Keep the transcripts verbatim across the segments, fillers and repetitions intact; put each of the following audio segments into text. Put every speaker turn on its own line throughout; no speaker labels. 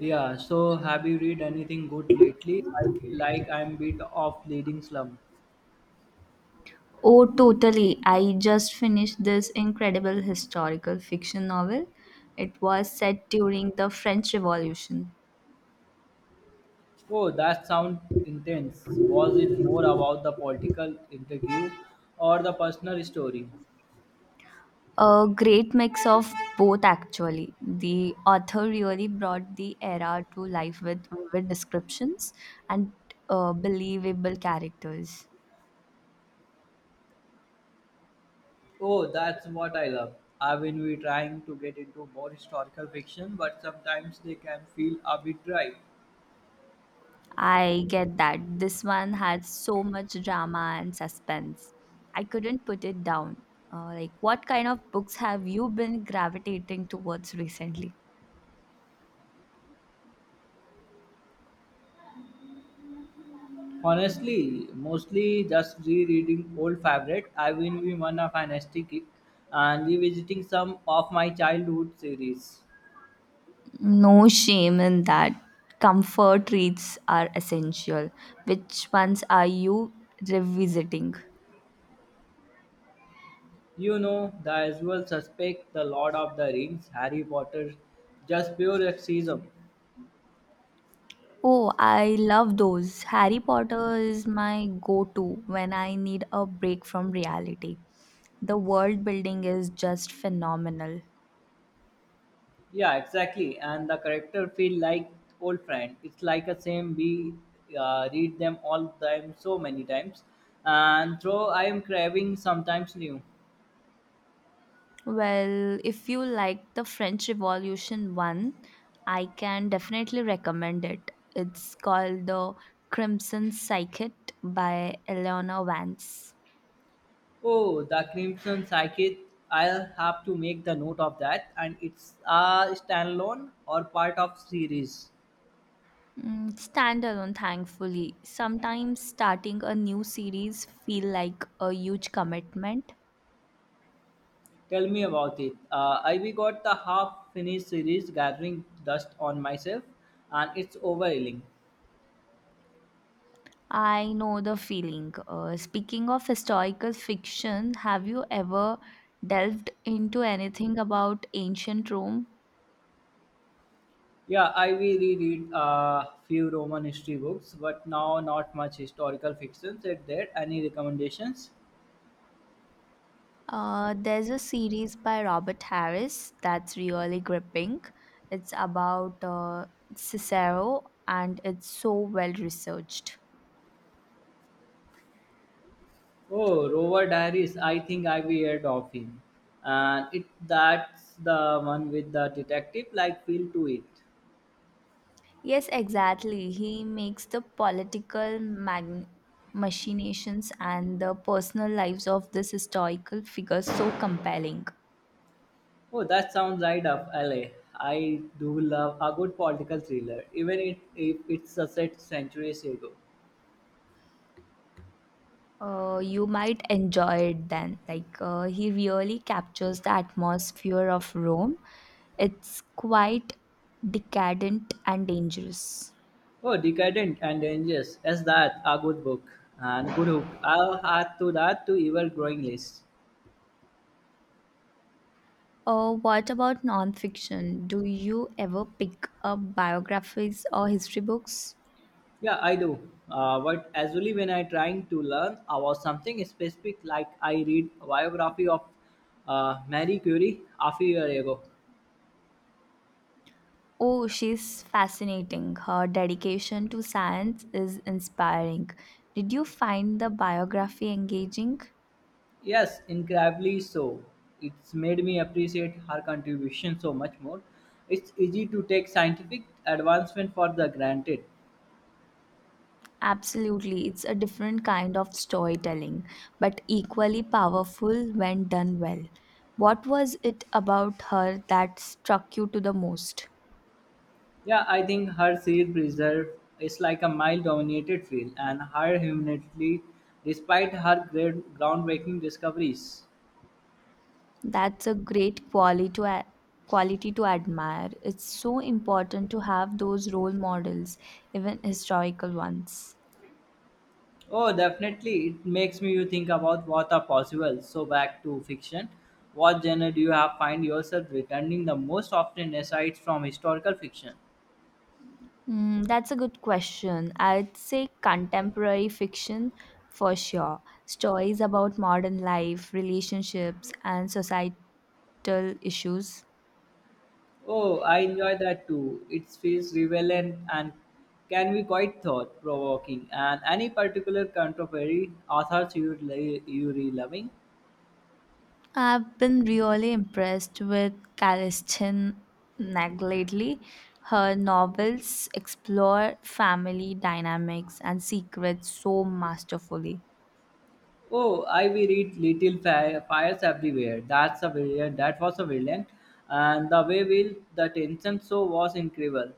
Yeah, so have you read anything good lately? I feel like I'm bit of leading slum.
Oh, totally. I just finished this incredible historical fiction novel. It was set during the French Revolution.
Oh, that sound intense. Was it more about the political interview or the personal story?
A great mix of both, actually. The author really brought the era to life with vivid descriptions and uh, believable characters.
Oh, that's what I love. I have been we trying to get into more historical fiction, but sometimes they can feel a bit dry.
I get that. This one had so much drama and suspense. I couldn't put it down. Uh, like, what kind of books have you been gravitating towards recently?
Honestly, mostly just rereading old favorite. I have been we one of fantastic kick and revisiting some of my childhood series.
No shame in that. Comfort treats are essential. Which ones are you revisiting?
You know, the usual suspect, the Lord of the Rings, Harry Potter, just pure sexism.
Oh, I love those. Harry Potter is my go to when I need a break from reality. The world building is just phenomenal.
Yeah, exactly. And the character feel like old friend. It's like a same we uh, read them all time so many times. And though I am craving sometimes new.
Well, if you like the French Revolution one, I can definitely recommend it. It's called The Crimson Psychic by Eleanor Vance.
Oh, the Crimson Psychic. I'll have to make the note of that. And it's a standalone or part of series.
Mm, standalone, thankfully. Sometimes starting a new series feel like a huge commitment.
Tell me about it. Uh, I we got the half finished series gathering dust on myself, and it's overwhelming.
I know the feeling. Uh, speaking of historical fiction, have you ever delved into anything about ancient Rome?
Yeah, I we reread a few Roman history books, but now not much historical fiction. Said there any recommendations?
Uh, there's a series by Robert Harris that's really gripping. It's about uh, Cicero, and it's so well researched.
Oh, Rover Diaries. I think I we heard of him, and it that's the one with the detective like feel to it.
Yes, exactly. He makes the political magn- machinations and the personal lives of this historical figure so compelling.
Oh, that sounds right up alley. I do love a good political thriller, even if, if it's a set centuries ago.
Uh, you might enjoy it then. Like, uh, he really captures the atmosphere of Rome. It's quite decadent and dangerous.
Oh, Decadent and Dangerous. Yes, that a good book and good hook. I'll add to that to ever growing list.
Uh, what about nonfiction? Do you ever pick up biographies or history books?
Yeah, I do. Uh, but usually when I trying to learn about something specific, like I read biography of uh, Marie Curie a few years ago.
Oh, she's fascinating. Her dedication to science is inspiring. Did you find the biography engaging?
Yes, incredibly so. It's made me appreciate her contribution so much more. It's easy to take scientific advancement for the granted.
Absolutely. It's a different kind of storytelling, but equally powerful when done well. What was it about her that struck you to the most?
Yeah, I think her seal preserve is like a mile dominated field and her humanity despite her great groundbreaking discoveries.
That's a great quality to a- Quality to admire. It's so important to have those role models, even historical ones.
Oh, definitely. It makes me you think about what are possible. So back to fiction. What genre do you have find yourself returning the most often aside from historical fiction?
Mm, that's a good question. I'd say contemporary fiction for sure. Stories about modern life, relationships, and societal issues.
Oh, I enjoy that too. It feels relevant and can be quite thought provoking. And any particular contemporary authors you really, you really loving?
I've been really impressed with Kalisten Nag lately. Her novels explore family dynamics and secrets so masterfully.
Oh, I we read little fi- fires everywhere. That's a brilliant. That was a brilliant, and the way will the tension so was incredible.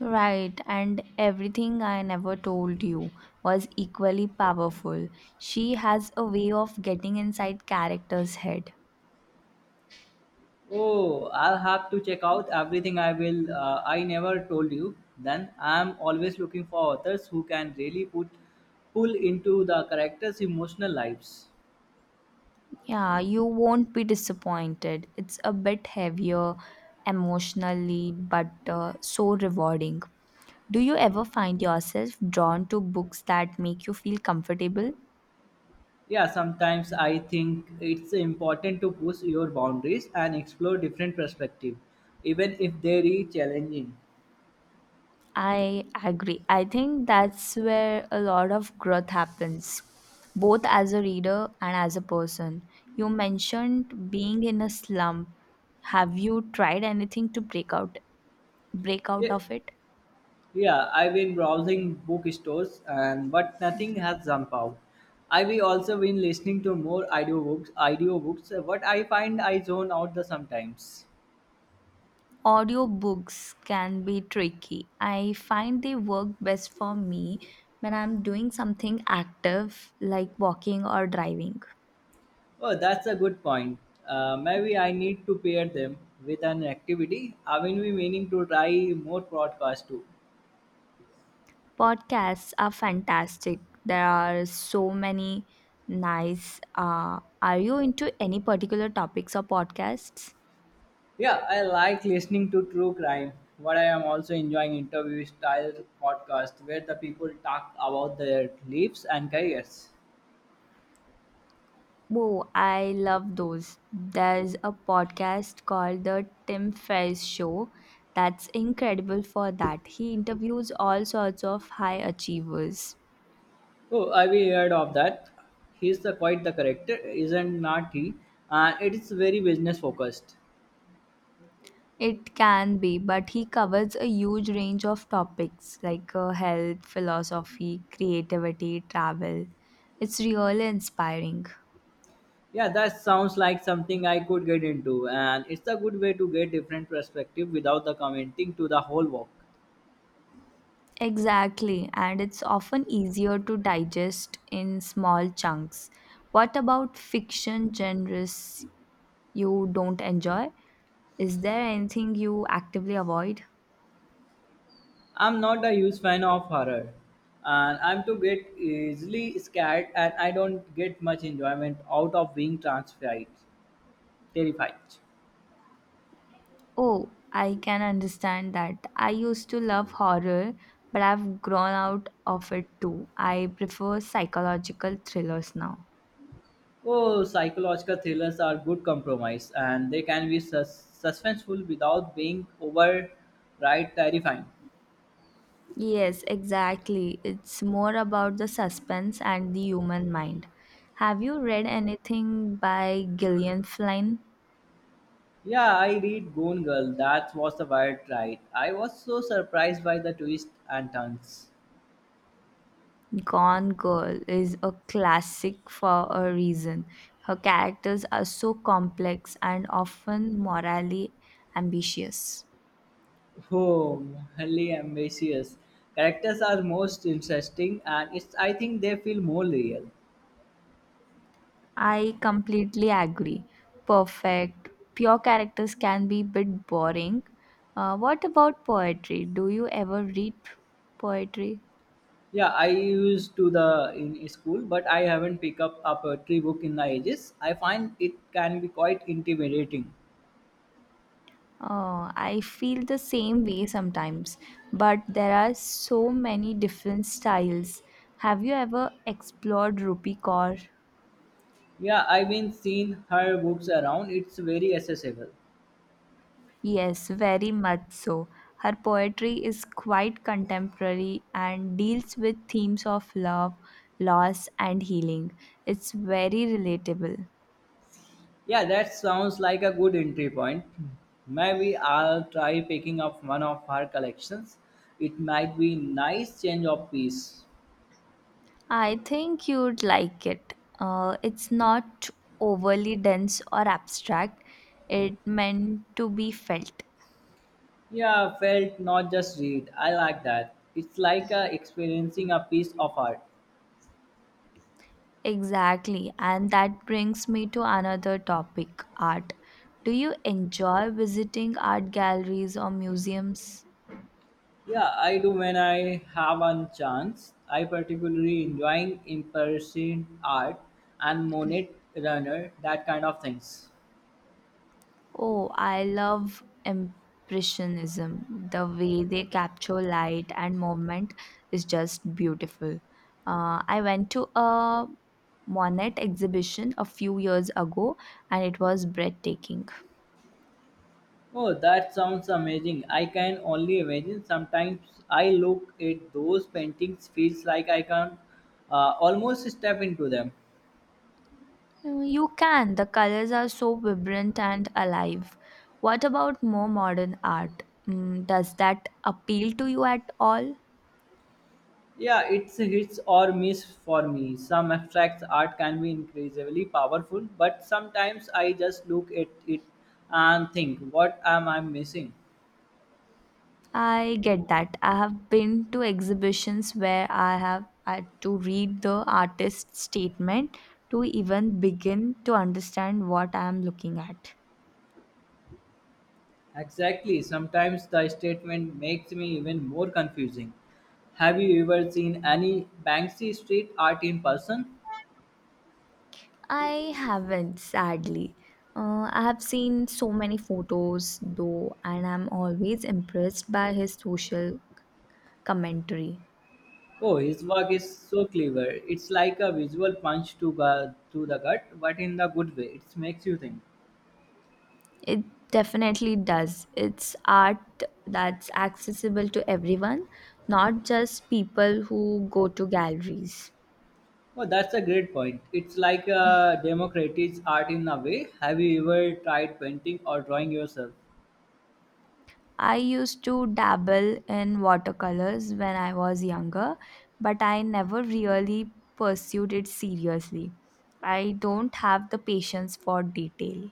Right, and everything I never told you was equally powerful. She has a way of getting inside character's head.
Oh, I'll have to check out everything. I will. Uh, I never told you. Then I'm always looking for authors who can really put pull into the characters' emotional lives.
Yeah, you won't be disappointed. It's a bit heavier emotionally, but uh, so rewarding. Do you ever find yourself drawn to books that make you feel comfortable?
Yeah, sometimes I think it's important to push your boundaries and explore different perspectives, even if they're challenging.
I agree. I think that's where a lot of growth happens, both as a reader and as a person. You mentioned being in a slump. Have you tried anything to break out break
Yeah.
out of it?
Yeah, I've been browsing bookstores and but nothing has jumped out. I've also been listening to more audiobooks, audiobooks, uh, but I find I zone out the sometimes.
Audiobooks can be tricky. I find they work best for me when I'm doing something active like walking or driving.
Oh, that's a good point. Uh, maybe I need to pair them with an activity. I've been meaning to try more podcasts too.
Podcasts are fantastic. There are so many nice. Uh, are you into any particular topics or podcasts?
Yeah, I like listening to true crime, but I am also enjoying interview style podcasts where the people talk about their lives and careers.
Whoa, I love those. There's a podcast called The Tim Ferriss Show that's incredible for that. He interviews all sorts of high achievers.
Oh, I've heard of that. He's the quite the character, isn't not he? And it is very business focused.
It can be, but he covers a huge range of topics like uh, health, philosophy, creativity, travel. It's really inspiring.
Yeah, that sounds like something I could get into, and it's a good way to get different perspective without the commenting to the whole work.
Exactly, and it's often easier to digest in small chunks. What about fiction genres you don't enjoy? Is there anything you actively avoid?
I'm not a huge fan of horror, and I'm to get easily scared, and I don't get much enjoyment out of being transfied, terrified.
Oh, I can understand that. I used to love horror, but I've grown out of it too. I prefer psychological thrillers now.
Oh, psychological thrillers are good compromise, and they can be sus- suspenseful without being override terrifying.
Yes, exactly. It's more about the suspense and the human mind. Have you read anything by Gillian Flynn?
Yeah, I read Gone Girl. That was the wild ride. I was so surprised by the twists and turns.
Gone Girl is a classic for a reason. Her characters are so complex and often morally ambitious.
Oh, highly ambitious. Characters are most interesting, and it's. I think they feel more real.
I completely agree. Perfect. Pure characters can be a bit boring. Uh, what about poetry? Do you ever read poetry?
Yeah, I used to the in school, but I haven't picked up a poetry book in the ages. I find it can be quite intimidating.
Uh, I feel the same way sometimes, but there are so many different styles. Have you ever explored Rupi Kaur?
Yeah, I've been seeing her books around. It's very accessible.
Yes, very much so. Her poetry is quite contemporary and deals with themes of love, loss, and healing. It's very relatable.
Yeah, that sounds like a good entry point. Maybe I'll try picking up one of her collections. It might be nice change of piece.
I think you'd like it. Uh, it's not overly dense or abstract, it meant to be felt.
Yeah, felt not just read. I like that. It's like uh, experiencing a piece of art.
Exactly, and that brings me to another topic art. Do you enjoy visiting art galleries or museums?
Yeah, I do when I have a chance. I particularly enjoying impression art and Monet runner, that kind of things.
Oh, I love Impressionism. The way they capture light and movement is just beautiful. Uh, I went to a Monet exhibition a few years ago and it was breathtaking.
Oh, that sounds amazing. I can only imagine. Sometimes I look at those paintings, feels like I can uh, almost step into them.
Uh, You can, the colors are so vibrant and alive. What about more modern art? Mm, does that appeal to you at all?
Yeah, it's hits or miss for me. Some abstract art can be increasingly powerful, but sometimes I just look at it and think, what am I missing?
I get that. I have been to exhibitions where I have had to read the artist's statement to even begin to understand what I am looking at.
Exactly. Sometimes the statement makes me even more confusing. Have you ever seen any Banksy street art in person?
I haven't, sadly. Uh, I have seen so many photos though, and I'm always impressed by his social commentary.
Oh, his work is so clever. It's like a visual punch to, gu- to the gut, but in the good way. It makes you think.
It definitely does. It's art that's accessible to everyone, not just people who go to galleries.
Oh, that's a great point. It's like a democratic art in a way. Have you ever tried painting or drawing yourself?
I used to dabble in watercolors when I was younger, but I never really pursued it seriously. I don't have the patience for detail.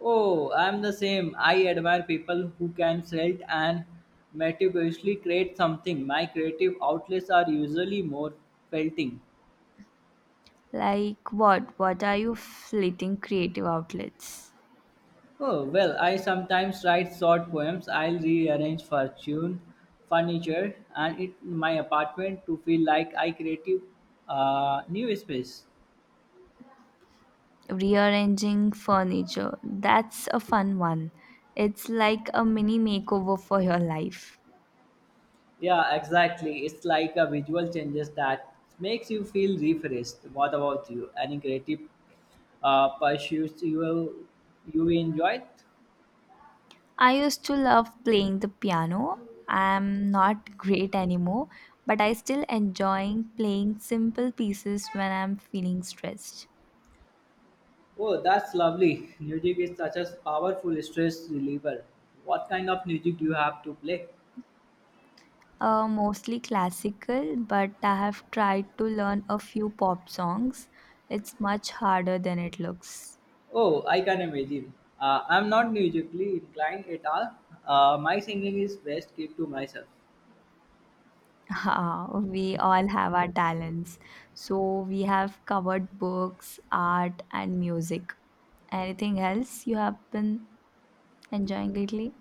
Oh, I'm the same. I admire people who can sit and meticulously create something. My creative outlets are usually more felting.
Like what? What are you fleeting creative outlets?
Oh, well, I sometimes write short poems. I'll rearrange fortune, furniture, and it my apartment to feel like I creative uh, new space.
Rearranging furniture. That's a fun one. It's like a mini makeover for your life.
Yeah, exactly. It's like a visual changes that makes you feel refreshed. What about you? Any creative uh, pursuits you you enjoyed?
I used to love playing the piano. I'm not great anymore, but I still enjoying playing simple pieces when I'm feeling stressed.
Oh, that's lovely. Music is such a powerful stress reliever. What kind of music do you have to play?
Uh, mostly classical, but I have tried to learn a few pop songs. It's much harder than it looks.
Oh, I can imagine. Uh, I'm not musically inclined at all. Uh, my singing is best kept to myself.
Ah, we all have our talents. So we have covered books, art, and music. Anything else you have been enjoying lately?